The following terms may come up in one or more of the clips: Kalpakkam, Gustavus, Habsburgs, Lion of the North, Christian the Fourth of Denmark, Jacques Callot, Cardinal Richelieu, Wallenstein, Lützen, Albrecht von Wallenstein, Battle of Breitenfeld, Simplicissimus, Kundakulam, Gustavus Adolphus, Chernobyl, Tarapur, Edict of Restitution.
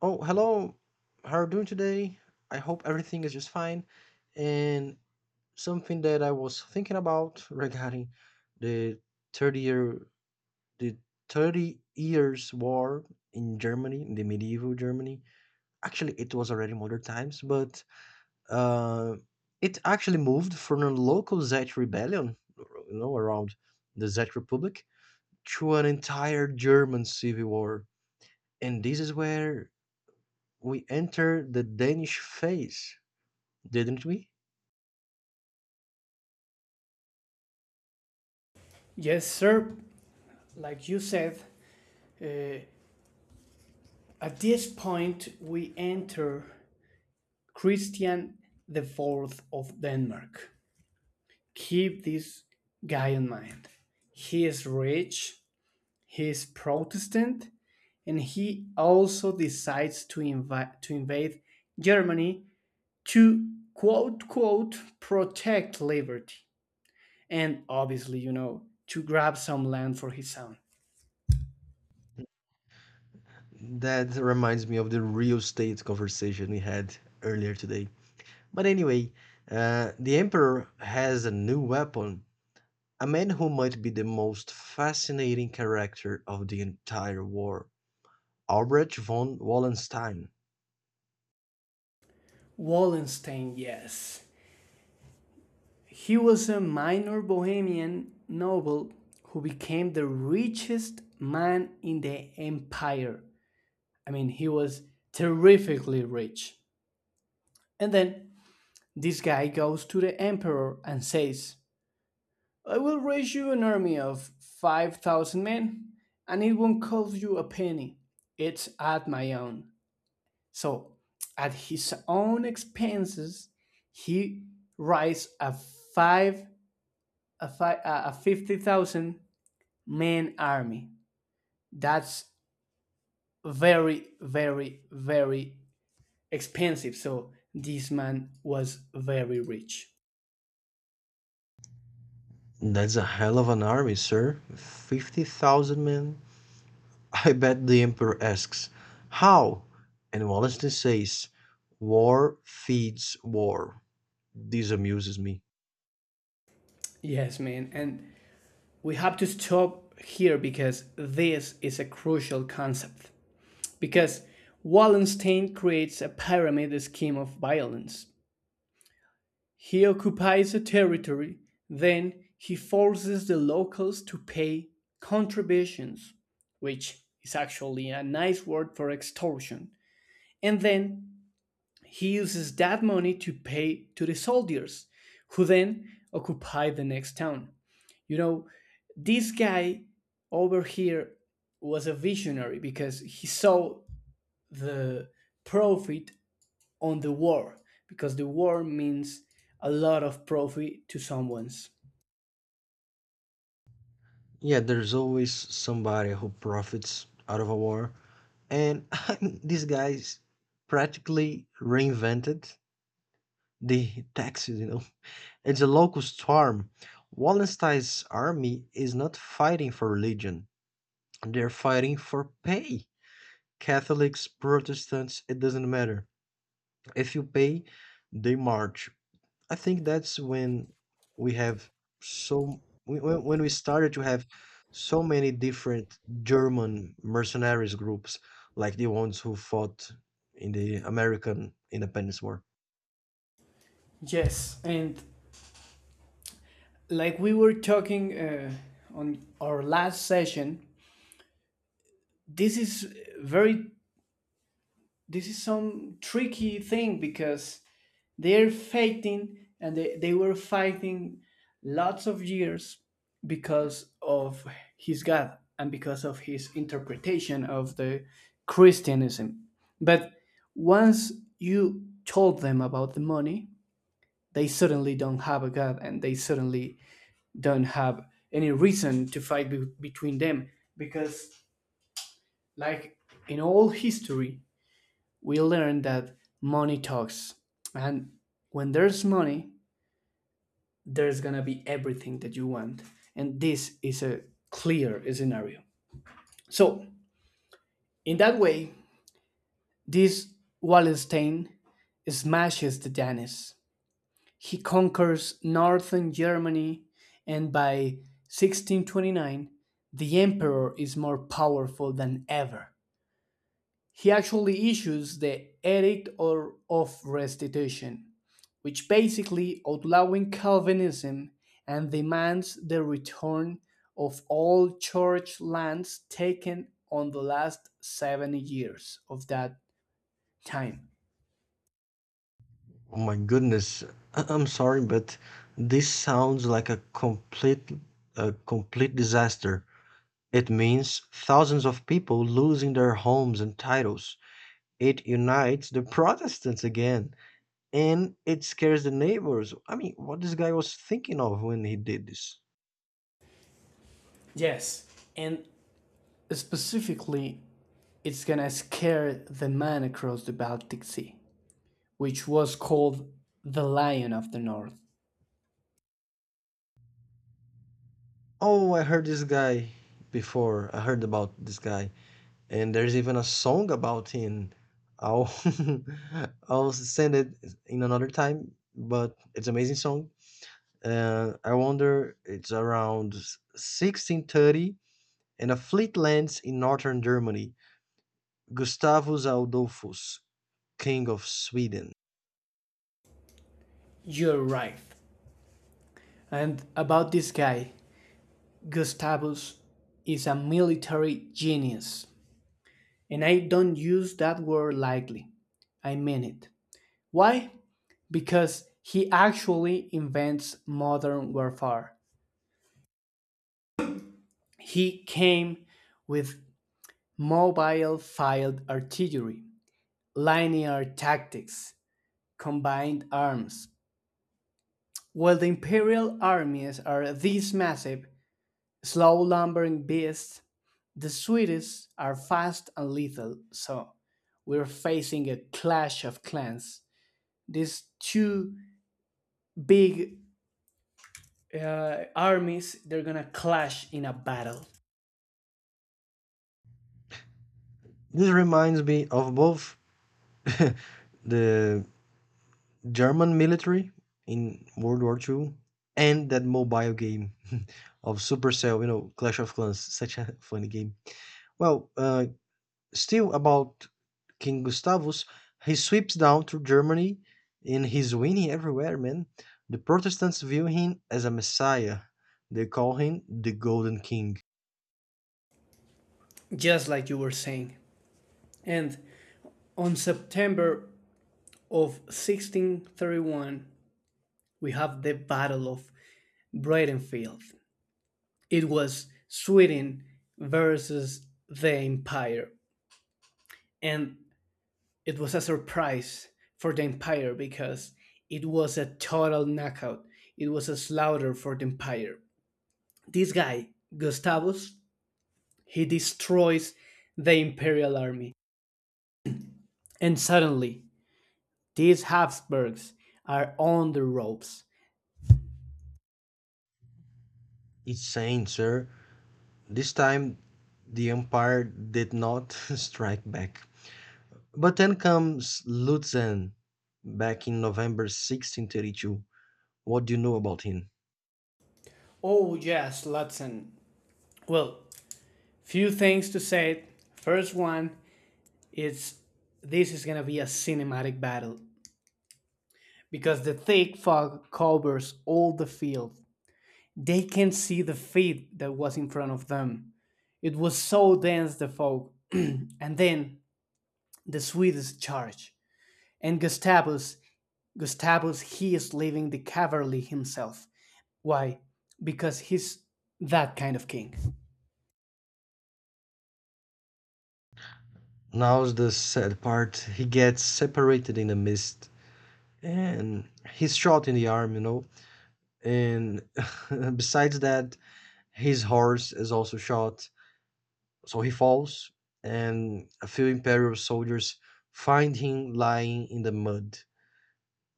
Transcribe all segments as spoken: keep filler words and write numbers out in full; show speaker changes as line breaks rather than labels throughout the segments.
Oh, hello. How are you doing today? I hope everything is just fine. And something that I was thinking about regarding the thirty year the thirty years war in Germany, in the medieval Germany. Actually, it was already modern times, but uh, it actually moved from a local Czech rebellion, you know, around the Czech Republic to an entire German civil war. And this is where we entered the Danish phase, didn't we?
Yes, sir. Like you said, uh, at this point we enter Christian the Fourth of Denmark. Keep this guy in mind. He is rich, he is Protestant, and he also decides to invite to invade Germany to quote quote protect liberty and obviously you know to grab some land for his son.
That reminds me of the real estate conversation we had earlier today. But anyway, uh, the Emperor has a new weapon, a man who might be the most fascinating character of the entire war, Albrecht von Wallenstein.
Wallenstein, yes. He was a minor Bohemian noble who became the richest man in the empire. I mean, he was terrifically rich. And then this guy goes to the emperor and says, I will raise you an army of five thousand men, and it won't cost you a penny. It's at my own. So, at his own expenses, he raised a five a, five, a fifty thousand Man army. That's very, very, very expensive. So this man was very rich.
That's a hell of an army, sir. fifty thousand men. I bet the Emperor asks, how? And Wallenstein says, war feeds war. This amuses me.
Yes, man. And we have to stop here because this is a crucial concept. Because Wallenstein creates a pyramid scheme of violence. He occupies a territory, then he forces the locals to pay contributions, which is actually a nice word for extortion. And then he uses that money to pay to the soldiers, who then occupy the next town. You know, this guy over here was a visionary because he saw the profit on the war, because the war means a lot of profit to someone's.
Yeah, there's always somebody who profits out of a war. And I mean, these guys practically reinvented the taxes, you know. It's a locust farm. Wallenstein's army is not fighting for religion, they're fighting for pay. Catholics, Protestants, it doesn't matter. If you pay, they march. I think that's when we have so when when- when we started to have so many different German mercenaries groups, like the ones who fought in the American Independence War.
Yes, and like we were talking uh, on our last session, this is very this is some tricky thing because they're fighting and they, they were fighting lots of years because of his god and because of his interpretation of the christianism. But once you told them about the money, they suddenly don't have a god and they suddenly don't have any reason to fight be- between them because, like, in all history we learn that money talks, and when there's money there's gonna be everything that you want. And this is a clear scenario. So, in that way, this Wallenstein smashes the Danes. He conquers northern Germany, and by sixteen twenty-nine, the emperor is more powerful than ever. He actually issues the Edict or of Restitution, which basically outlawing Calvinism and demands the return of all church lands taken on the last seven years of that time.
Oh my goodness, I- I'm sorry, but this sounds like a complete a complete disaster. It means thousands of people losing their homes and titles. It unites the Protestants again. And it scares the neighbors. I mean, what this guy was thinking of when he did this.
Yes, and specifically, it's gonna scare the man across the Baltic Sea, which was called the Lion of the North.
Oh, I heard this guy before. I heard about this guy. And there's even a song about him. I'll I'll send it in another time, but it's amazing song. Uh, I wonder it's around sixteen thirty and a fleet lands in northern Germany. Gustavus Adolphus, king of Sweden.
You're right. And about this guy, Gustavus is a military genius, and I don't use that word lightly. I mean it. Why? Because he actually invents modern warfare. He came with mobile field artillery, linear tactics, combined arms. While the imperial armies are this massive, slow lumbering beasts, the Swedes are fast and lethal, so we're facing a clash of clans. These two big uh, armies, they're gonna clash in a battle,
This reminds me of both the German military in World War Two, and that mobile game of Supercell, you know, Clash of Clans, such a funny game. Well, uh, still about King Gustavus, he sweeps down through Germany and he's winning everywhere, man. The Protestants view him as a messiah. They call him the Golden King.
just like you were saying. And on September of sixteen thirty-one, we have the Battle of Breitenfeld. It was Sweden versus the Empire. And it was a surprise for the Empire because it was a total knockout. It was a slaughter for the Empire. This guy, Gustavus, he destroys the Imperial army. And suddenly, these Habsburgs are on the ropes.
It's saying, sir, this time the empire did not strike back. But then comes Lutzen back in November sixteen thirty-two. What do you know about him?
Oh, yes, Lutzen. Well, few things to say. First one is, this is gonna be a cinematic battle because the thick fog covers all the field. They can see the feet that was in front of them. It was so dense the fog. And then the Swedes charged. And Gustavus, Gustavus, he is leaving the cavalry himself. Why? Because he's that kind of king.
Now's the sad part. He gets separated in the mist and he's shot in the arm, you know. And besides that, his horse is also shot. So he falls, and a few Imperial soldiers find him lying in the mud.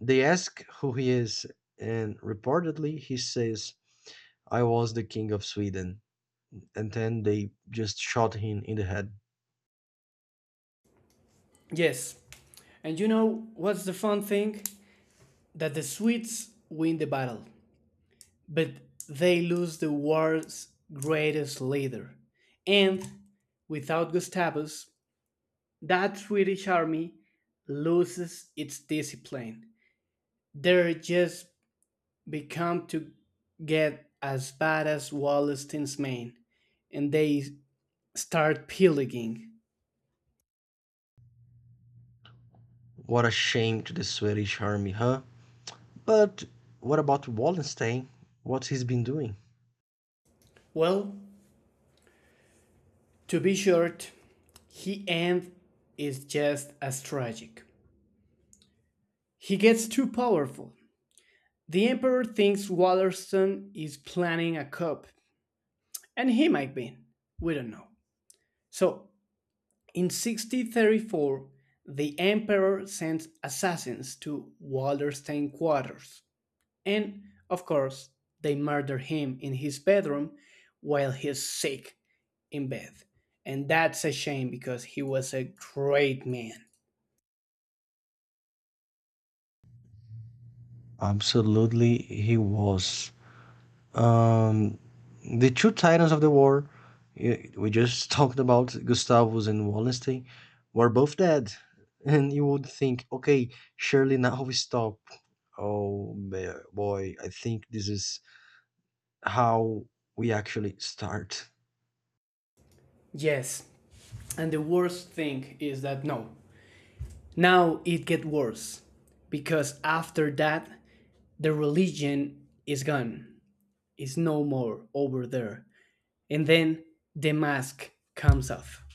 They ask who he is, and reportedly he says, I was the king of Sweden. And then they just shot him in the head.
Yes. And you know what's the fun thing? That the Swedes win the battle, but they lose the world's greatest leader. And without Gustavus, that Swedish army loses its discipline. They're just become to get as bad as Wallenstein's men, and they start pillaging.
What a shame to the Swedish army, huh? But what about Wallenstein? What he's been doing?
Well, to be short, he end is just as tragic. He gets too powerful. The emperor thinks Wallenstein is planning a coup, and he might be. We don't know. So in sixty thirty four, the emperor sends assassins to Wallerstein's quarters, and, of course, they murder him in his bedroom while he's sick in bed. And that's a shame because he was a great man.
Absolutely, he was. Um, the two titans of the war we just talked about, Gustavus and Wallenstein, were both dead. And you would think, okay, surely now we stop. Oh, ba- boy, I think this is how we actually start.
Yes. And the worst thing is that no. Now it get worse because after that the religion is gone. It's no more over there. And then the mask comes off.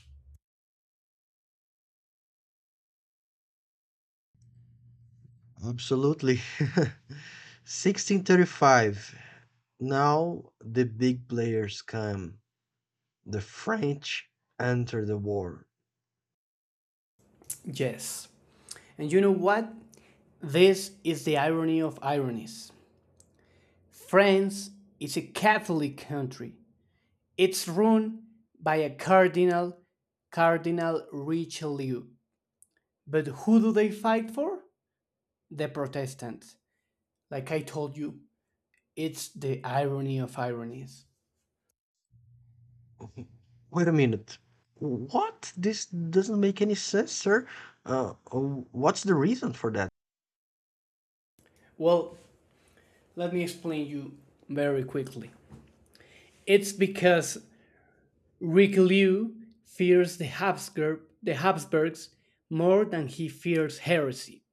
Absolutely. sixteen thirty-five. Now the big players come. The French enter the war.
Yes. And you know what? This is the irony of ironies. France is a Catholic country. It's run by a cardinal, Cardinal Richelieu. But who do they fight for? The Protestants. Like I told you, it's the irony of ironies.
Wait a minute. What? This doesn't make any sense, sir. Uh, what's the reason for that?
Well, let me explain you very quickly. It's because Richelieu fears the, Habsburg, the Habsburgs more than he fears heresy.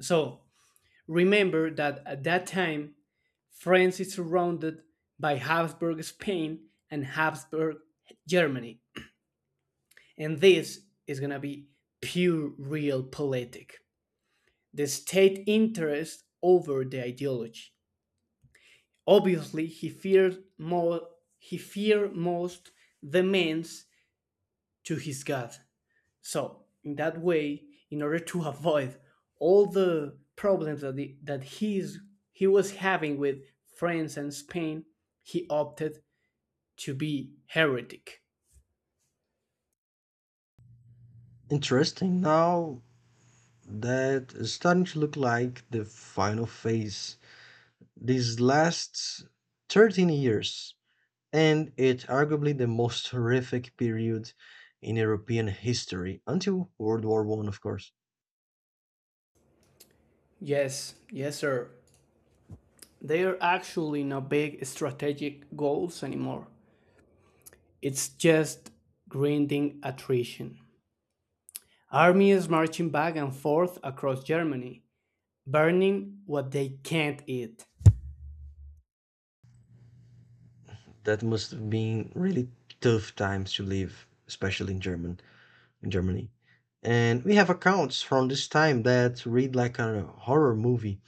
So remember that at that time, France is surrounded by Habsburg Spain and Habsburg Germany. And this is going to be pure real politic. The state interest over the ideology. Obviously, he feared more he feared most the means to his God. So, in that way, in order to avoid all the problems that the, that he's he was having with France and Spain, he opted to be heretic.
Interesting. Now that is starting to look like the final phase. These last thirteen years, and it's arguably the most horrific period in European history until World War One, of course.
Yes, yes, sir. They are actually not big strategic goals anymore. It's just grinding attrition. Armies marching back and forth across Germany, burning what they can't eat.
That must have been really tough times to live, especially in German in Germany. And we have accounts from this time that read like a horror movie.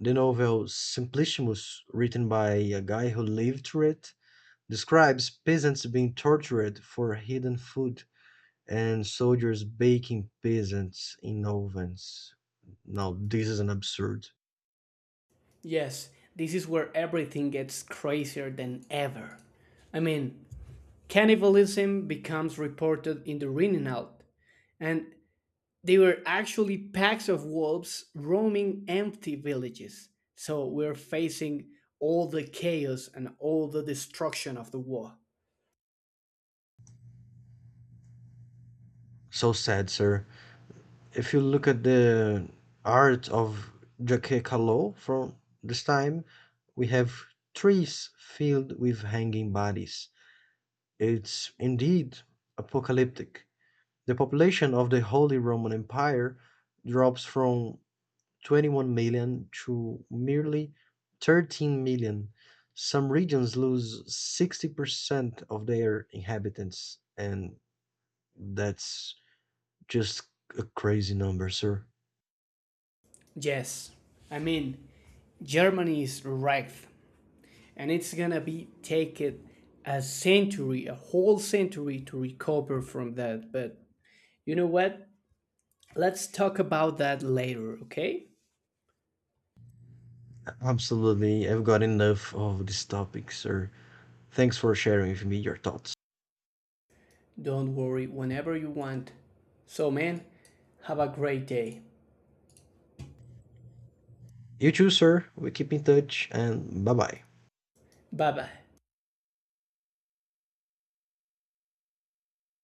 The novel Simplicissimus, written by a guy who lived through it, describes peasants being tortured for hidden food and soldiers baking peasants in ovens. Now, this is an absurd.
Yes, this is where everything gets crazier than ever. I mean, cannibalism becomes reported in the Rinenalt, and they were actually packs of wolves roaming empty villages. So we're facing all the chaos and all the destruction of the war.
So sad, sir. If you look at the art of Jacques Callot from this time, we have trees filled with hanging bodies. It's indeed apocalyptic. The population of the Holy Roman Empire drops from twenty-one million to merely thirteen million. Some regions lose sixty percent of their inhabitants, and that's just a crazy number, sir.
Yes, I mean, Germany is wrecked, and it's gonna be take it a century, a whole century to recover from that. But you know what? Let's talk about that later, okay?
Absolutely. I've got enough of this topic, sir. Thanks for sharing with me your thoughts.
Don't worry, whenever you want. So, man, have a great day.
You too, sir. We keep in touch and bye bye.
Bye bye.